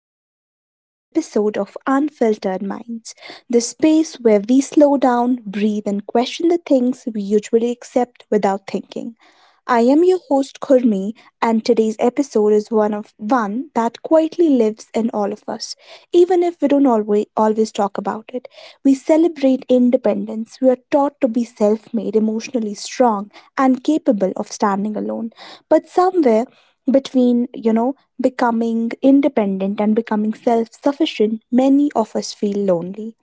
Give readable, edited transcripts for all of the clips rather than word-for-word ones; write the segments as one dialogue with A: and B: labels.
A: back to another episode of Unfiltered Minds, the space where we slow down, breathe, and question the things we usually accept without thinking. I am your host Kurmi, and today's episode is one of one that quietly lives in all of us, even if we don't always talk about it. We celebrate independence. We are taught to be self-made, emotionally strong, and capable of standing alone. But somewhere between, becoming independent and becoming self-sufficient, many of us feel lonely.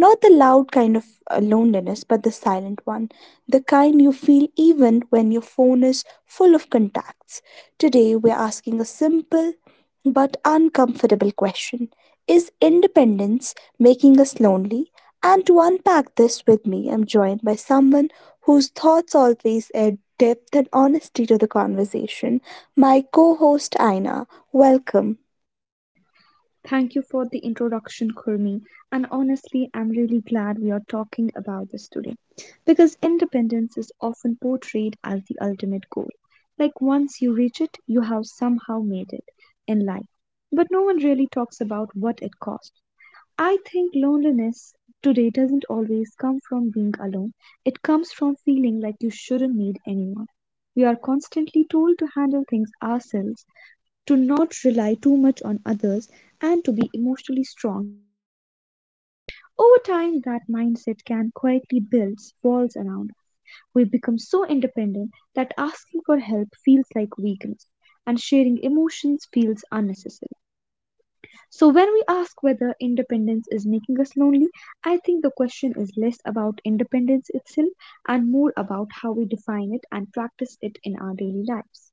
A: Not the loud kind of loneliness, but the silent one. The kind you feel even when your phone is full of contacts. Today, we're asking a simple but uncomfortable question: is independence making us lonely? And to unpack this with me, I'm joined by someone whose thoughts always add depth and honesty to the conversation, my co host Aina. Welcome.
B: Thank you for the introduction, Kurmi. And honestly, I'm really glad we are talking about this today because independence is often portrayed as the ultimate goal. Like once you reach it, you have somehow made it in life. But no one really talks about what it costs. I think loneliness today doesn't always come from being alone, it comes from feeling like you shouldn't need anyone. We are constantly told to handle things ourselves to not rely too much on others, and to be emotionally strong at all the times. Over time, that mindset can quietly build walls around. We become so independent that asking for help feels like weakness, and sharing emotions feels unnecessary. So, when we ask whether independence is making us lonely, I think the question is less about independence itself and more about how we define it and practice it in our daily lives.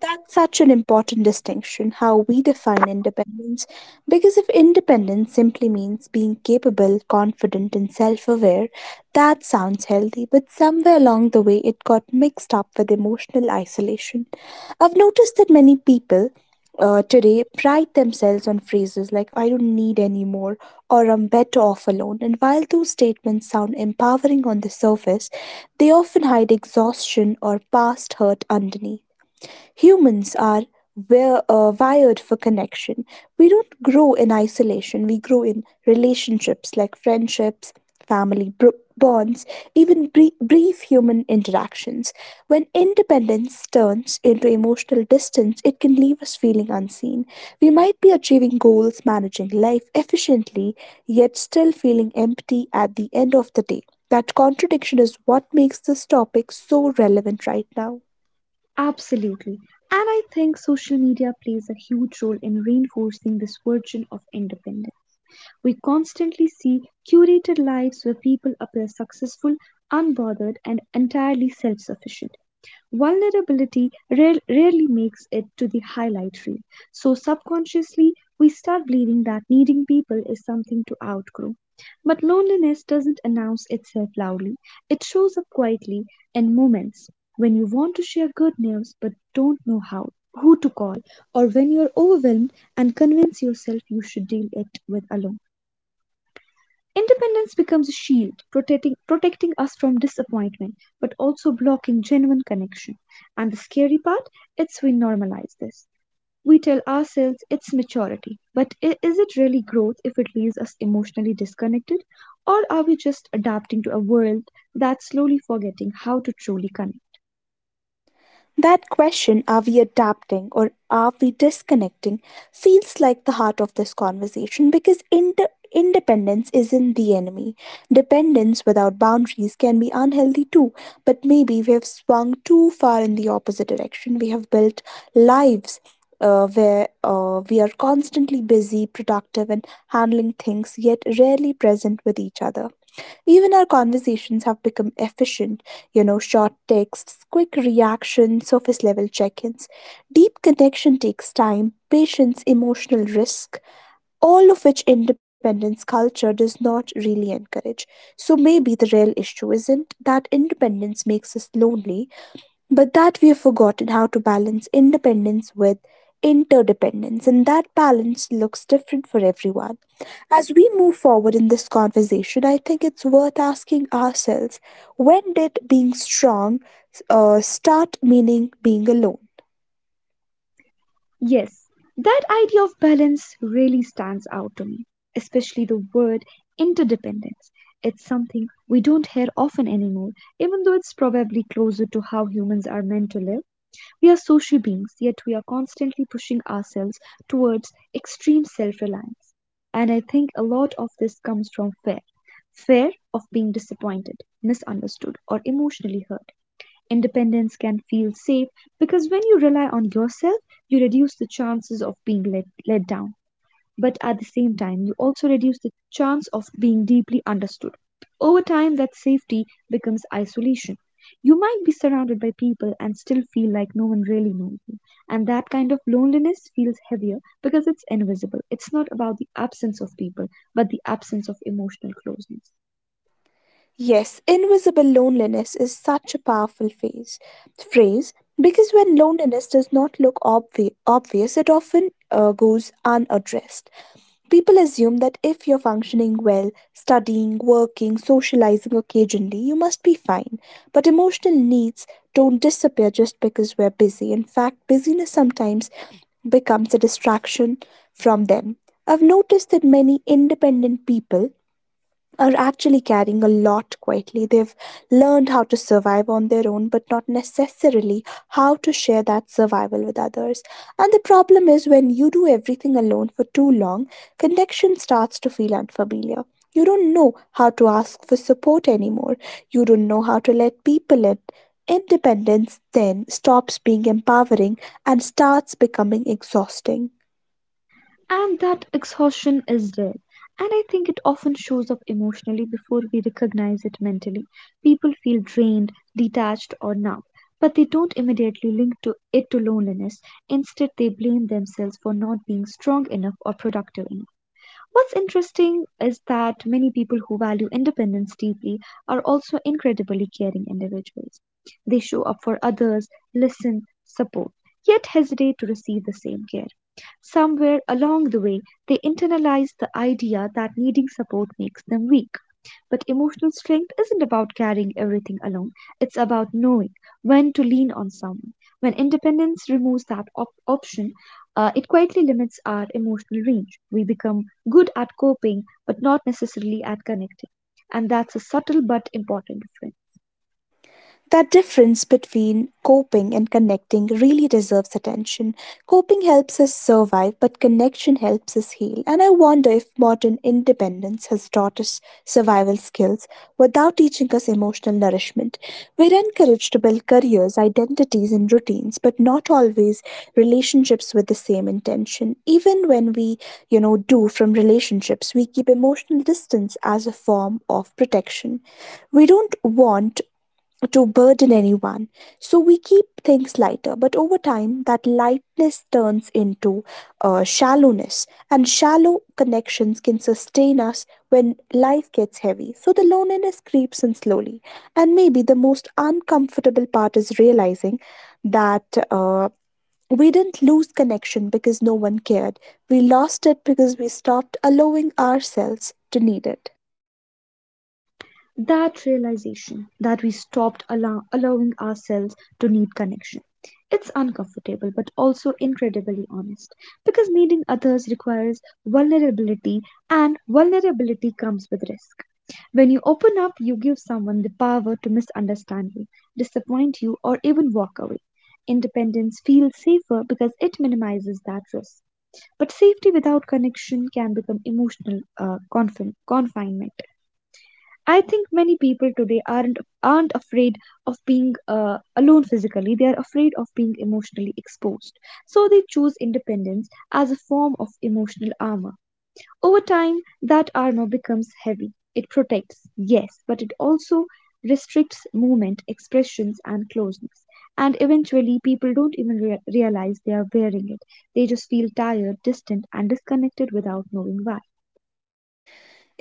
A: That's such an important distinction, how we define independence, because if independence simply means being capable, confident, and self aware, that sounds healthy, but somewhere along the way it got mixed up with emotional isolation. I've noticed that many people today pride themselves on phrases like, I don't need any more, or I'm better off alone, and while those statements sound empowering on the surface, they often hide exhaustion or past hurt underneath. Humans are wired for connection. We don't grow in isolation, we grow in relationships like friendships, bonds, even brief human interactions. When independence turns into emotional distance, it can leave us feeling unseen. We might be achieving goals, managing life efficiently, yet still feeling empty at the end of the day. That contradiction is what makes this topic so relevant right now.
B: Absolutely. And I think social media plays a huge role in reinforcing this version of independence. We constantly see curated lives where people appear successful, unbothered, and entirely self sufficient. Vulnerability rarely makes it to the highlight reel, so subconsciously we start believing that needing people is something to outgrow. But loneliness doesn't announce itself loudly, it shows up quietly in moments when you want to share good news but don't know how, who to call, or when you're overwhelmed and convince yourself you should deal it with alone. Independence becomes a shield, protecting us from disappointment, but also blocking genuine connection. And the scary part it's we normalize this. We tell ourselves it's maturity, but is it really growth if it leaves us emotionally disconnected? Or are we just adapting to a world that's slowly forgetting how to truly connect?
A: That question, are we adapting or are we disconnecting, feels like the heart of this conversation because independence isn't the enemy. Dependence without boundaries can be unhealthy too, but maybe we have swung too far in the opposite direction. We have built lives where we are constantly busy, productive, and handling things, yet rarely present with each other. Even our conversations have become efficient, short texts, quick reactions, surface level check ins. Deep connection takes time, patience, emotional risk, all of which independence culture does not really encourage. So maybe the real issue isn't that independence makes us lonely, but that we have forgotten how to balance independence with interdependence, and that balance looks different for everyone. As we move forward in this conversation, I think it's worth asking ourselves, when did being strong start meaning being alone?
B: Yes, that idea of balance really stands out to me, especially the word interdependence. It's something we don't hear often anymore, even though it's probably closer to how humans are meant to live. We are social beings, yet we are constantly pushing ourselves towards extreme self reliance. And I think a lot of this comes from fear of being disappointed, misunderstood, or emotionally hurt. Independence can feel safe because when you rely on yourself, you reduce the chances of being let down. But at the same time, you also reduce the chance of being deeply understood. Over time, that safety becomes isolation. You might be surrounded by people and still feel like no one really knows you. And that kind of loneliness feels heavier because it's invisible. It's not about the absence of people, but the absence of emotional closeness.
A: Yes, invisible loneliness is such a powerful phrase, because when loneliness does not look obvious, it often goes unaddressed. People assume that if you're functioning well, studying, working, socializing occasionally, you must be fine. But emotional needs don't disappear just because we're busy. In fact, busyness sometimes becomes a distraction from them. I've noticed that many independent people are actually carrying a lot quietly. They've learned how to survive on their own, but not necessarily how to share that survival with others. And the problem is, when you do everything alone for too long, connection starts to feel unfamiliar. You don't know how to ask for support anymore. You don't know how to let people in. Independence then stops being empowering and starts becoming exhausting.
B: And that exhaustion is real. And I think it often shows up emotionally before we recognize it mentally. People feel drained, detached, or numb, but they don't immediately link to it to loneliness. Instead, they blame themselves for not being strong enough or productive enough. What's interesting is that many people who value independence deeply are also incredibly caring individuals. They show up for others, listen, support, yet hesitate to receive the same care. Somewhere along the way, they internalize the idea that needing support makes them weak. But emotional strength isn't about carrying everything alone, it's about knowing when to lean on someone. When independence removes that option, it quietly limits our emotional range. We become good at coping, but not necessarily at connecting. And that's a subtle but important difference.
A: That difference between coping and connecting really deserves attention. Coping helps us survive, but connection helps us heal. And I wonder if modern independence has taught us survival skills without teaching us emotional nourishment. We're encouraged to build careers, identities, and routines, but not always relationships with the same intention. Even when we, do from relationships, we keep emotional distance as a form of protection. We don't want to burden anyone. So we keep things lighter, but over time, that lightness turns into shallowness, and shallow connections can sustain us when life gets heavy. So the loneliness creeps in slowly, and maybe the most uncomfortable part is realizing that. Uh, we didn't lose connection because no one cared. We lost it because we stopped allowing ourselves to need it.
B: That realization that we stopped allowing ourselves to need connection. It's uncomfortable but also incredibly honest because needing others requires vulnerability, and vulnerability comes with risk. When you open up, you give someone the power to misunderstand you, disappoint you, or even walk away. Independence feels safer because it minimizes that risk. But safety without connection can become emotional confinement. I think many people today aren't afraid of being alone physically. They are afraid of being emotionally exposed. So they choose independence as a form of emotional armor. Over time, that armor becomes heavy. It protects, yes, but it also restricts movement, expressions, and closeness. And eventually, people don't even realize they are wearing it. They just feel tired, distant, and disconnected without knowing why.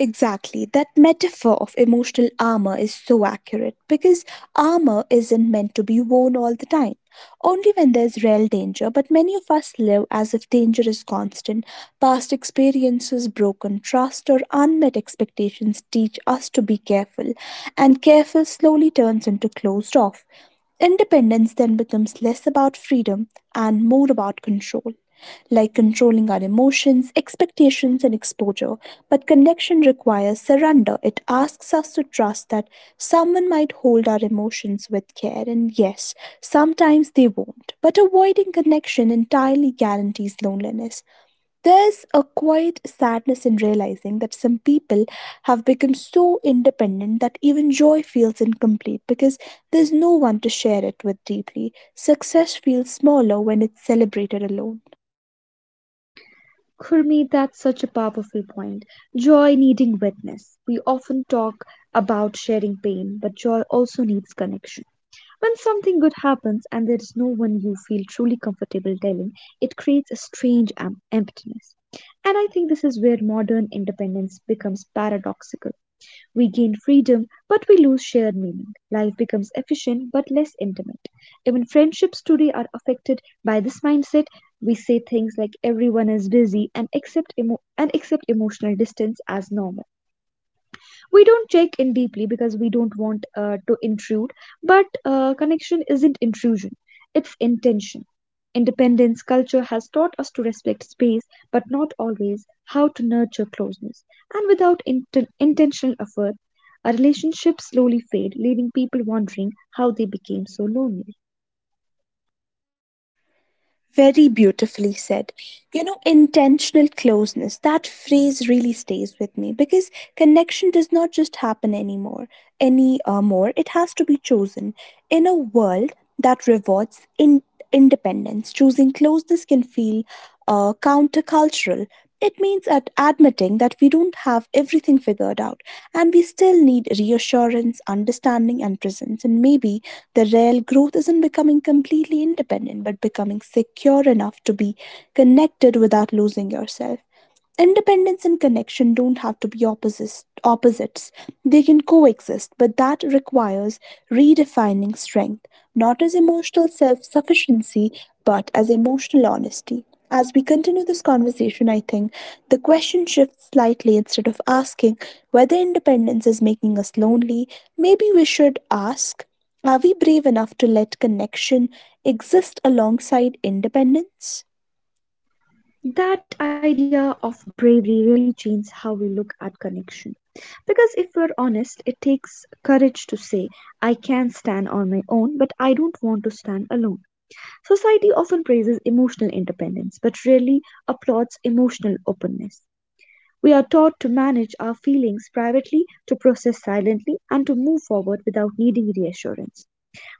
A: Exactly. That metaphor of emotional armor is so accurate because armor isn't meant to be worn all the time, only when there's real danger. But many of us live as if danger is constant. Past experiences, broken trust, or unmet expectations teach us to be careful, and careful slowly turns into closed off. Independence then becomes less about freedom and more about control, like controlling our emotions, expectations, and exposure. But connection requires surrender. It asks us to trust that someone might hold our emotions with care, and yes, sometimes they won't. But avoiding connection entirely guarantees loneliness. There's a quiet sadness in realizing that some people have become so independent that even joy feels incomplete because there's no one to share it with deeply. Success feels smaller when it's celebrated alone.
B: Kurmi, that's such a powerful point. Joy needing witness. We often talk about sharing pain, but joy also needs connection. When something good happens and there is no one you feel truly comfortable telling, it creates a strange emptiness. And I think this is where modern independence becomes paradoxical. We gain freedom, but we lose shared meaning. Life becomes efficient but less intimate. Even friendships today are affected by this mindset. We say things like everyone is busy and accept emotional distance as normal. We don't check in deeply because we don't want to intrude, but connection isn't intrusion, it's intention. Independence culture has taught us to respect space, but not always how to nurture closeness, and without intentional effort our relationships slowly fade, leaving people wondering how they became so lonely.
A: Very beautifully said. You know, intentional closeness, that phrase really stays with me because connection does not just happen anymore, any more. It has to be chosen. In a world that rewards independence, choosing closeness can feel countercultural. It means at admitting that we don't have everything figured out and we still need reassurance, understanding, and presence. And maybe the real growth isn't becoming completely independent, but becoming secure enough to be connected without losing yourself. Independence and connection don't have to be opposites. They can coexist, but that requires redefining strength, not as emotional self sufficiency, but as emotional honesty. As we continue this conversation, I think the question shifts slightly. Instead of asking whether independence is making us lonely, maybe we should ask, are we brave enough to let connection exist alongside independence?
B: That idea of bravery really changed how we look at connection. Because if we're honest, it takes courage to say, I can stand on my own, but I don't want to stand alone. Society often praises emotional independence, but rarely applauds emotional openness. We are taught to manage our feelings privately, to process silently, and to move forward without needing reassurance.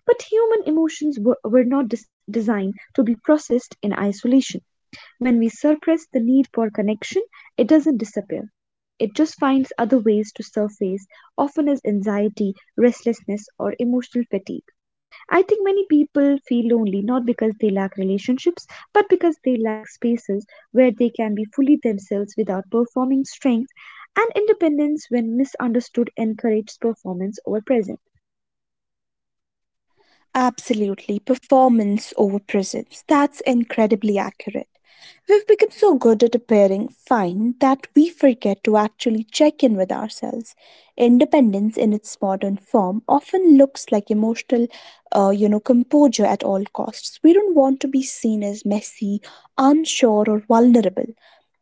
B: But human emotions were not designed to be processed in isolation. When we suppress the need for connection, it doesn't disappear. It just finds other ways to surface, often as anxiety, restlessness, or emotional fatigue. I think many people feel lonely not because they lack relationships, but because they lack spaces where they can be fully themselves without performing strength and independence when misunderstood encourages performance over presence.
A: Absolutely, performance over presence. That's incredibly accurate. We've become so good at appearing fine that we forget to actually check in with ourselves. Independence in its modern form often looks like emotional, composure at all costs. We don't want to be seen as messy, unsure, or vulnerable.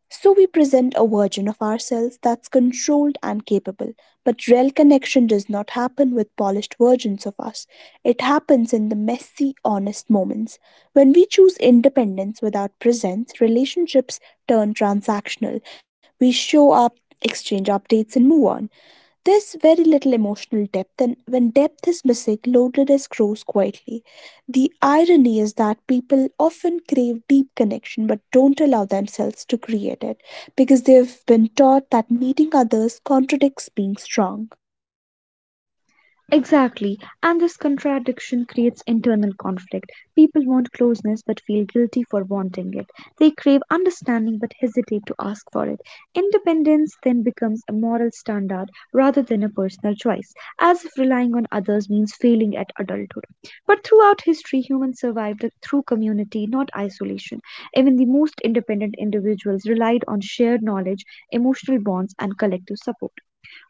A: So we present a version of ourselves that's controlled and capable, but real connection does not happen with polished versions of us. It happens in the messy, honest moments. When we choose independence without presence, relationships turn transactional. We show up, exchange updates, and move on. There's very little emotional depth, and when depth is missing, loneliness grows quietly. The irony is that people often crave deep connection but don't allow themselves to create it because they've been taught that needing others contradicts being strong.
B: Exactly. And this contradiction creates internal conflict. People want closeness but feel guilty for wanting it. They crave understanding but hesitate to ask for it. Independence then becomes a moral standard rather than a personal choice, as if relying on others means failing at adulthood. But throughout history, humans survived through community, not isolation. Even the most independent individuals relied on shared knowledge, emotional bonds, and collective support.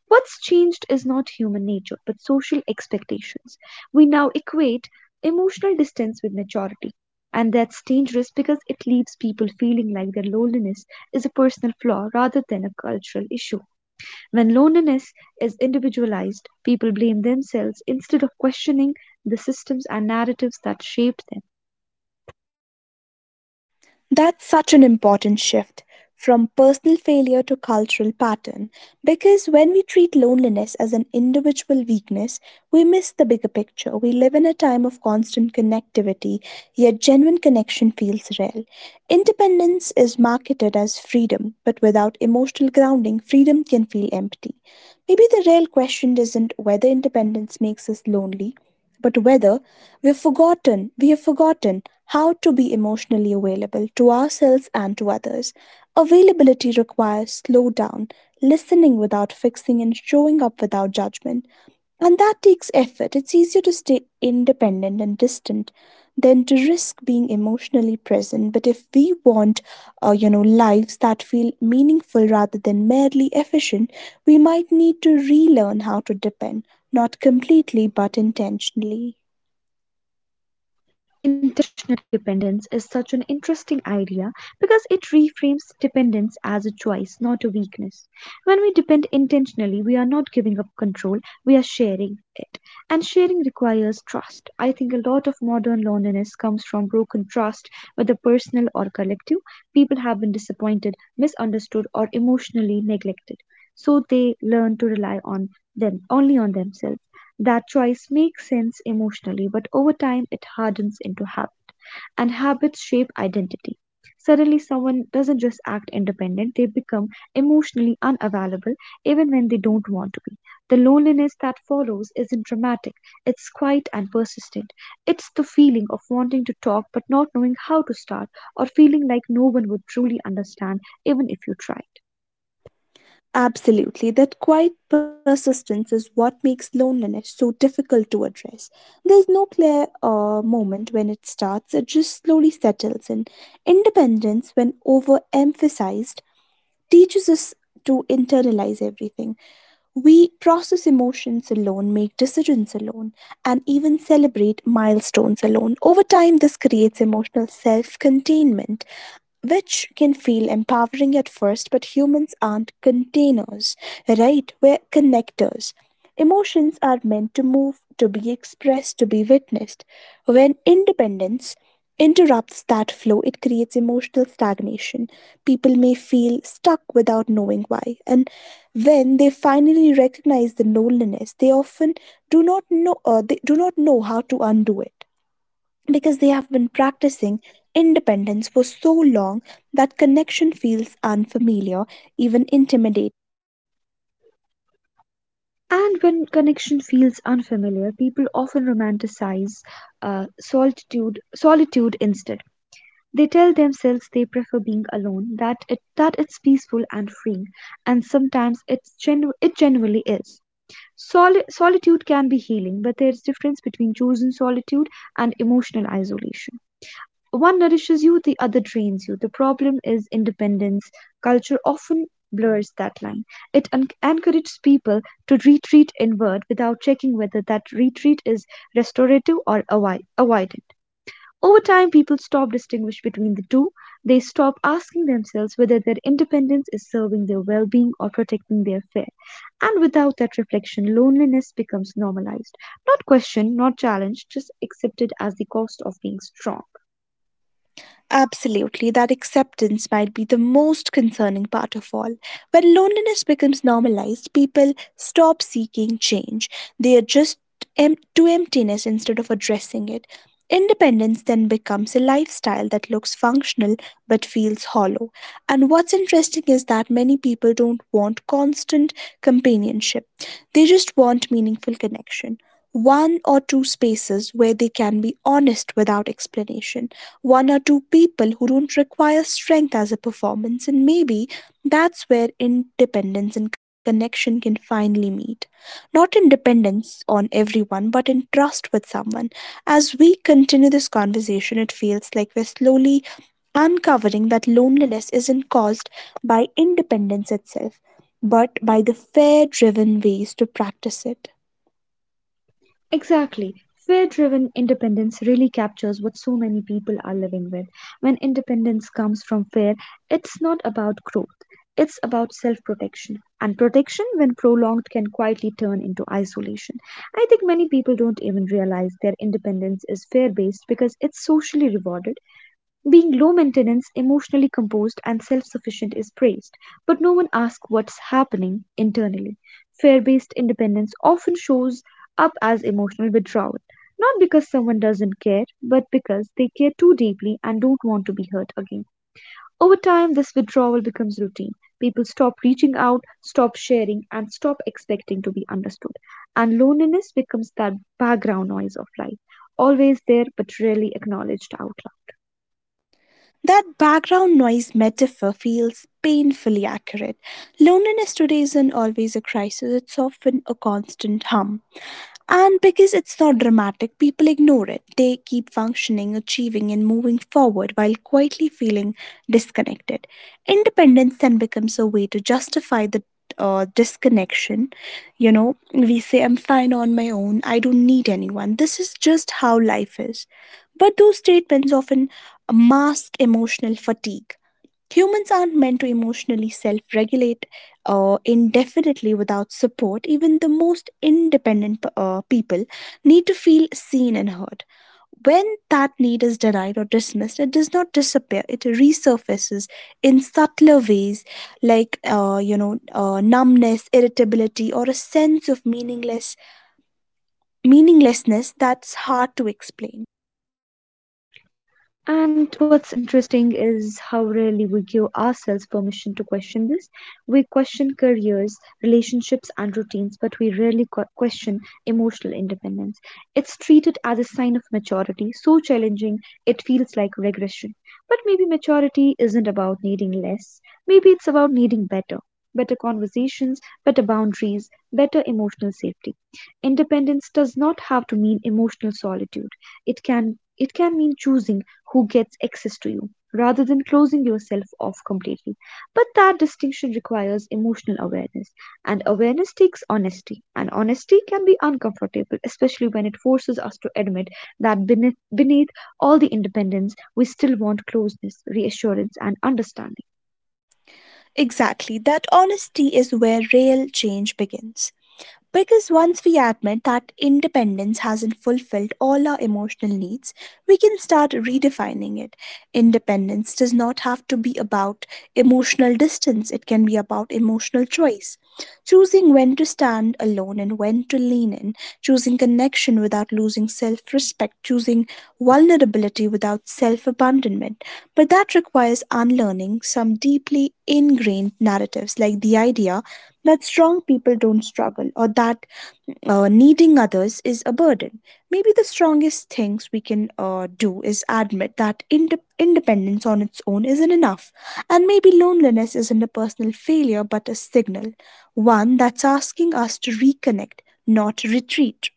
B: What's changed is not human nature but social expectations. We now equate emotional distance with maturity, and that's dangerous because it leaves people feeling like their loneliness is a personal flaw rather than a cultural issue. When loneliness is individualized, people blame themselves instead of questioning the systems and narratives that shaped them.
A: That's such an important shift from personal failure to cultural pattern because when we treat loneliness as an individual weakness, we miss the bigger picture. We live in a time of constant connectivity, yet genuine connection feels rare. Independence is marketed as freedom, but without emotional grounding, freedom can feel empty. Maybe the real question isn't whether independence makes us lonely, but whether we have forgotten how to be emotionally available to ourselves and to others. Availability requires slow down, listening without fixing and showing up without judgment. And that takes effort. It's easier to stay independent and distant than to risk being emotionally present. But if we want, lives that feel meaningful rather than merely efficient, we might need to relearn how to depend, not completely but intentionally.
B: Intentional dependence is such an interesting idea because it reframes dependence as a choice, not a weakness. When we depend intentionally, we are not giving up control, we are sharing it. And sharing requires trust. I think a lot of modern loneliness comes from broken trust, whether personal or collective. People have been disappointed, misunderstood, or emotionally neglected. So they learn to rely on them, only on themselves. That choice makes sense emotionally, but over time it hardens into habit, and habits shape identity. Suddenly, someone doesn't just act independent, they become emotionally unavailable even when they don't want to be. The loneliness that follows isn't dramatic, it's quiet and persistent. It's the feeling of wanting to talk but not knowing how to start, or feeling like no one would truly understand even if you try.
A: Absolutely, that quiet persistence is what makes loneliness so difficult to address. There's no clear moment when it starts, it just slowly settles in. Independence, when overemphasized, teaches us to internalize everything. We process emotions alone, make decisions alone, and even celebrate milestones alone. Over time, this creates emotional self containment, which can feel empowering at first, but humans aren't containers, right? We're connectors. Emotions are meant to move, to be expressed, to be witnessed. When independence interrupts that flow, it creates emotional stagnation. People may feel stuck without knowing why. And when they finally recognize the loneliness, they often do not know they do not know how to undo it because they have been practicing independence for so long that connection feels unfamiliar, even intimidating.
B: And when connection feels unfamiliar, people often romanticize solitude instead. They tell themselves they prefer being alone, that it's peaceful and freeing, and sometimes it genuinely is. Solitude can be healing, but there's difference between chosen solitude and emotional isolation. One nourishes you, the other drains you. The problem is independence. Culture often blurs that line. It encourages people to retreat inward without checking whether that retreat is restorative or avoidant. Over time, people stop distinguishing between the two. They stop asking themselves whether their independence is serving their well-being or protecting their fear. And without that reflection, loneliness becomes normalized, not questioned, not challenged, just accepted as the cost of being strong.
A: Absolutely, that acceptance might be the most concerning part of all. When loneliness becomes normalized, people stop seeking change. They adjust to emptiness instead of addressing it. Independence then becomes a lifestyle that looks functional but feels hollow. And what's interesting is that many people don't want constant companionship. They just want meaningful connection. One or two spaces where they can be honest without explanation. One or two people who don't require strength as a performance, and maybe that's where independence and connection can finally meet. Not in dependence on everyone, but in trust with someone. As we continue this conversation, it feels like we're slowly uncovering that loneliness isn't caused by independence itself, but by the fear driven ways to practice it.
B: Exactly. Fear driven independence really captures what so many people are living with. When independence comes from fear, it's not about growth, it's about self protection. And protection, when prolonged, can quietly turn into isolation. I think many people don't even realize their independence is fear based because it's socially rewarded being low maintenance, emotionally composed, and self sufficient is praised, but no one asks what's happening internally. Fear based independence often shows up as emotional withdrawal, not because someone doesn't care, but because they care too deeply and don't want to be hurt again. Over time, this withdrawal becomes routine. People stop reaching out, stop sharing, and stop expecting to be understood. And loneliness becomes that background noise of life, always there but rarely acknowledged out loud.
A: That background noise metaphor feels painfully accurate. Loneliness today isn't always a crisis, it's often a constant hum. And because it's not dramatic, people ignore it. They keep functioning, achieving, and moving forward while quietly feeling disconnected. Independence then becomes a way to justify the disconnection. You know, we say, I'm fine on my own, I don't need anyone. This is just how life is. But those statements often mask emotional fatigue. Humans aren't meant to emotionally self regulate indefinitely without support. Even the most independent people need to feel seen and heard. When that need is denied or dismissed, it does not disappear, it resurfaces in subtler ways like, numbness, irritability, or a sense of meaninglessness that's hard to explain.
B: And what's interesting is how rarely we give ourselves permission to question this. We question careers, relationships, and routines, but we rarely question emotional independence. It's treated as a sign of maturity, so challenging it feels like regression. But maybe maturity isn't about needing less, maybe it's about needing better. Better conversations, better boundaries, better emotional safety. Independence does not have to mean emotional solitude. It can mean choosing who gets access to you, rather than closing yourself off completely. But that distinction requires emotional awareness, and awareness takes honesty, and honesty can be uncomfortable, especially when it forces us to admit that beneath all the independence, we still want closeness, reassurance, and understanding.
A: Exactly, that honesty is where real change begins. Because once we admit that independence hasn't fulfilled all our emotional needs, we can start redefining it. Independence does not have to be about emotional distance, it can be about emotional choice. Choosing when to stand alone and when to lean in, choosing connection without losing self respect, choosing vulnerability without self abandonment. But that requires unlearning some deeply ingrained narratives, like the idea that strong people don't struggle or that needing others is a burden. Maybe the strongest things we can do is admit that independence on its own isn't enough. And maybe loneliness isn't a personal failure but a signal, one that's asking us to reconnect, not retreat.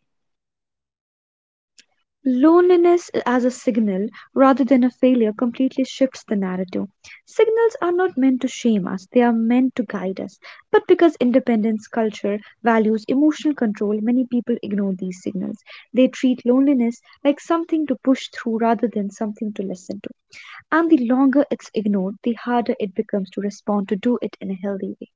B: Loneliness as a signal rather than a failure completely shifts the narrative. Signals are not meant to shame us, they are meant to guide us. But because independence culture values emotional control, many people ignore these signals. They treat loneliness like something to push through rather than something to listen to. And the longer it's ignored, the harder it becomes to respond to do it in a healthy way.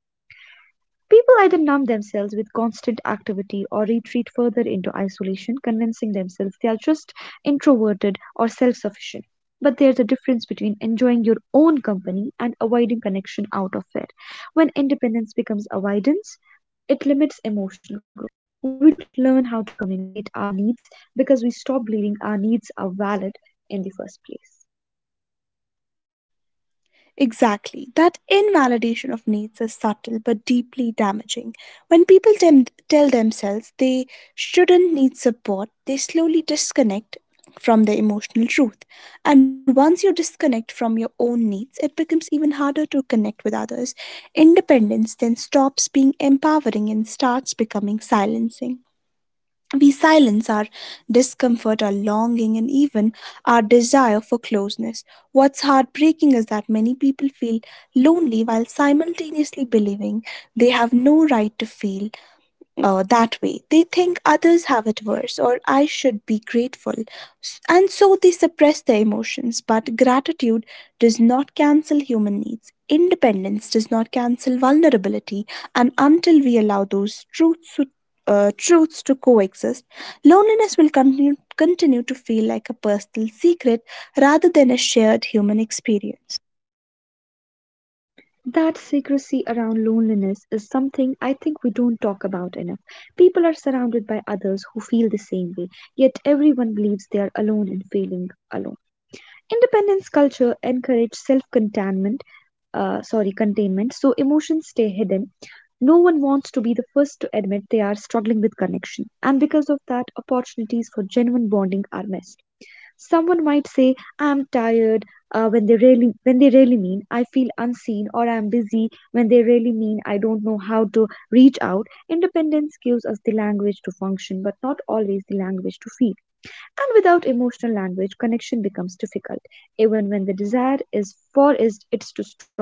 B: People either numb themselves with constant activity or retreat further into isolation, convincing themselves they are just introverted or self sufficient. But there's a difference between enjoying your own company and avoiding connection out of it. When independence becomes avoidance, it limits emotional growth. We don't learn how to communicate our needs because we stop believing our needs are valid in the first place.
A: Exactly. That invalidation of needs is subtle but deeply damaging. When people tell themselves they shouldn't need support, they slowly disconnect from their emotional truth. And once you disconnect from your own needs, it becomes even harder to connect with others. Independence then stops being empowering and starts becoming silencing. We silence our discomfort, our longing, and even our desire for closeness. What's heartbreaking is that many people feel lonely while simultaneously believing they have no right to feel that way. They think others have it worse or I should be grateful. And so they suppress their emotions. But gratitude does not cancel human needs. Independence does not cancel vulnerability. And until we allow those truths to coexist, continue to feel like a personal secret rather than a shared human experience.
B: That secrecy around loneliness is something I think we don't talk about enough. People are surrounded by others who feel the same way, yet everyone believes they are alone and feeling alone. Independence culture encourages self-containment, containment, so emotions stay hidden. No one wants to be the first to admit they are struggling with connection, and because of that, opportunities for genuine bonding are missed. Someone might say, "I'm tired," when they really mean I feel unseen, or I'm busy when they really mean I don't know how to reach out. Independence gives us the language to function, but not always the language to feel. And without emotional language, connection becomes difficult, even when the desire is for is it's too strong.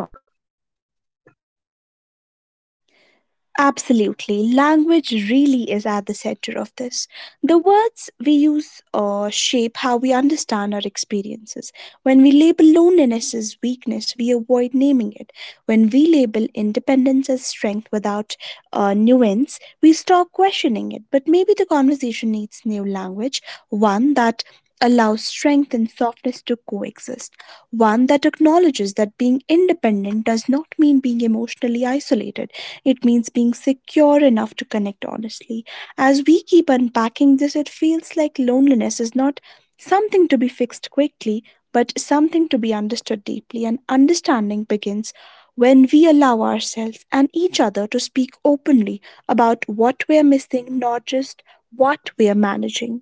A: Absolutely. Language really is at the center of this. The words we use shape how we understand our experiences. When we label loneliness as weakness, we avoid naming it. When we label independence as strength without nuance, we stop questioning it. But maybe the conversation needs new language, one that allows strength and softness to coexist, one that acknowledges that being independent does not mean being emotionally isolated. It means being secure enough to connect honestly. As we keep unpacking this, it feels like loneliness is not something to be fixed quickly, but something to be understood deeply. And understanding begins when we allow ourselves and each other to speak openly about what we are missing, not just what we are managing.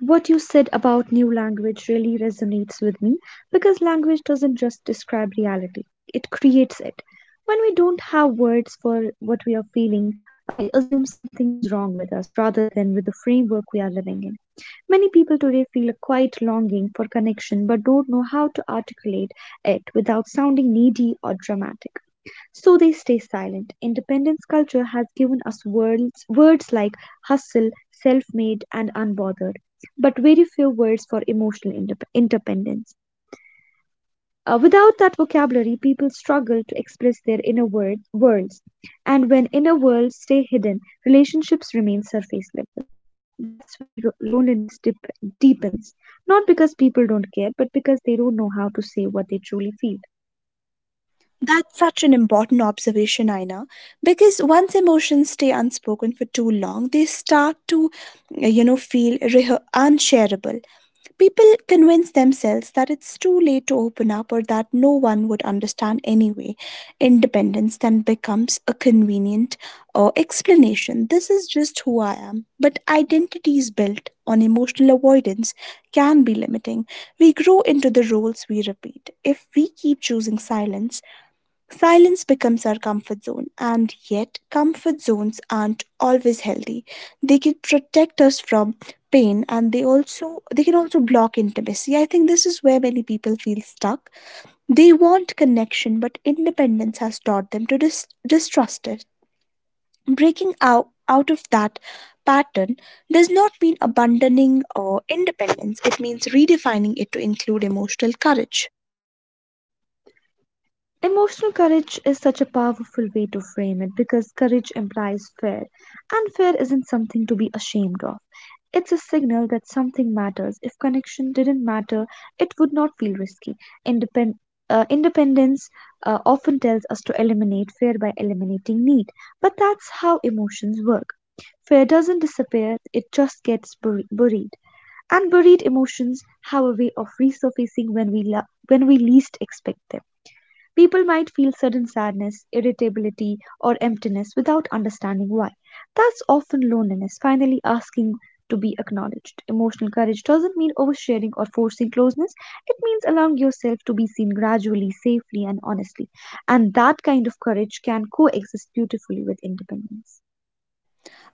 B: What you said about new language really resonates with me because language doesn't just describe reality, it creates it. When we don't have words for what we are feeling, we assume something is wrong with us rather than with the framework we are living in. Many people today feel a quiet longing for connection but don't know how to articulate it without sounding needy or dramatic. So they stay silent. Independence culture has given us words, words like hustle, self made, and unbothered but very few words for emotional independence. Without that vocabulary, people struggle to express their worlds. And when inner worlds stay hidden, relationships remain surface level. That's where loneliness deepens. Not because people don't care, but because they don't know how to say what they truly feel.
A: That's such an important observation, Aina, because once emotions stay unspoken for too long, they start to, feel unshareable. People convince themselves that it's too late to open up or that no one would understand anyway. Independence then becomes a convenient explanation. This is just who I am. But identities built on emotional avoidance can be limiting. We grow into the roles we repeat. If we keep choosing silence, silence becomes our comfort zone, and yet, comfort zones aren't always healthy. They can protect us from pain, and they can also block intimacy. I think this is where many people feel stuck. They want connection but independence has taught them to distrust it. Breaking out of that pattern does not mean abandoning or independence, it means redefining it to include emotional courage.
B: Emotional courage is such a powerful way to frame it because courage implies fear, and fear isn't something to be ashamed of. It's a signal that something matters. If connection didn't matter, it would not feel risky. Independ- Independence often tells us to eliminate fear by eliminating need, but that's how emotions work. Fear doesn't disappear, it just gets buried. And buried emotions have a way of resurfacing when when we least expect them. People might feel sudden sadness, irritability, or emptiness without understanding why. That's often loneliness finally asking to be acknowledged. Emotional courage doesn't mean oversharing or forcing closeness, it means allowing yourself to be seen gradually, safely, and honestly. And that kind of courage can coexist beautifully with independence.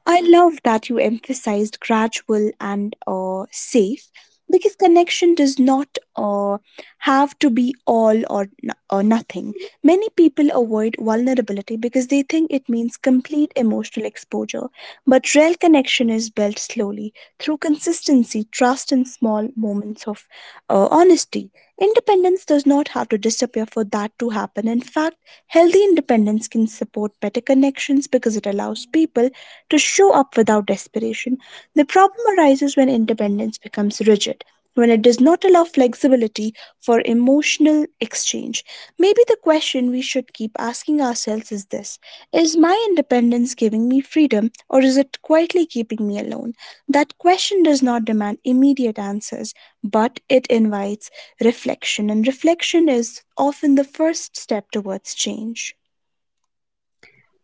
A: I love that you emphasized gradual and safe because connection does not have to be all or nothing. Many people avoid vulnerability because they think it means complete emotional exposure, but real connection is built slowly through consistency, trust, and small moments of honesty. Independence does not have to disappear for that to happen. In fact, healthy independence can support better connections because it allows people to show up without desperation. The problem arises when independence becomes rigid, when it does not allow flexibility for emotional exchange. Maybe the question we should keep asking ourselves is this: is my independence giving me freedom, or is it quietly keeping me alone? That question does not demand immediate answers, but it invites reflection, and reflection is often the first step towards change.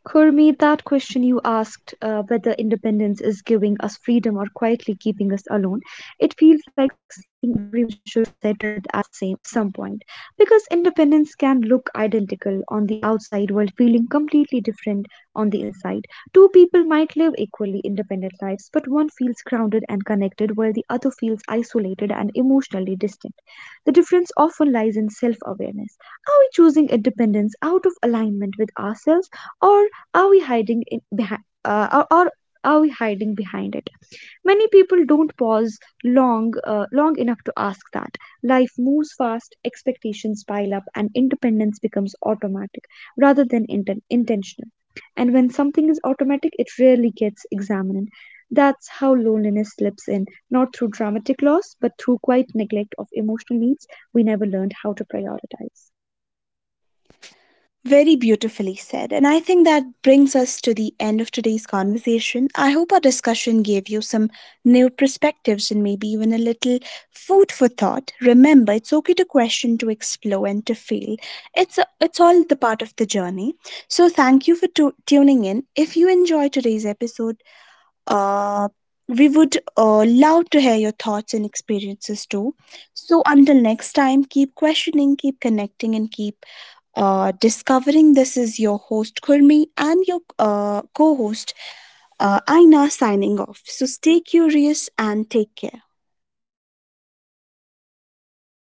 B: Kurmi, that question you asked, whether independence is giving us freedom or quietly keeping us alone, it feels like something everyone should sit with at some point. Because independence can look identical on the outside while feeling completely different on the inside. Two people might live equally independent lives, but one feels grounded and connected while the other feels isolated and emotionally distant. The difference often lies in self awareness. Are we choosing independence out of alignment with ourselves? Or are we hiding in behind, uh, or, or are we hiding behind it? Many people don't long enough to ask that. Life moves fast, expectations pile up, and independence becomes automatic rather than intentional. And when something is automatic, it rarely gets examined. That's how loneliness slips in, not through dramatic loss, but through quiet neglect of emotional needs we never learned how to prioritize.
A: Very beautifully said. And I think that brings us to the end of today's conversation. I hope our discussion gave you some new perspectives and maybe even a little food for thought. Remember, it's okay to question, to explore, and to fail. It's all the part of the journey. So, thank you for tuning in. If you enjoyed today's episode, uh, we would love to hear your thoughts and experiences too. So, until next time, keep questioning, keep connecting, and keep discovering. This is your host Kurmi and your co host Aina signing off. So stay curious and take care.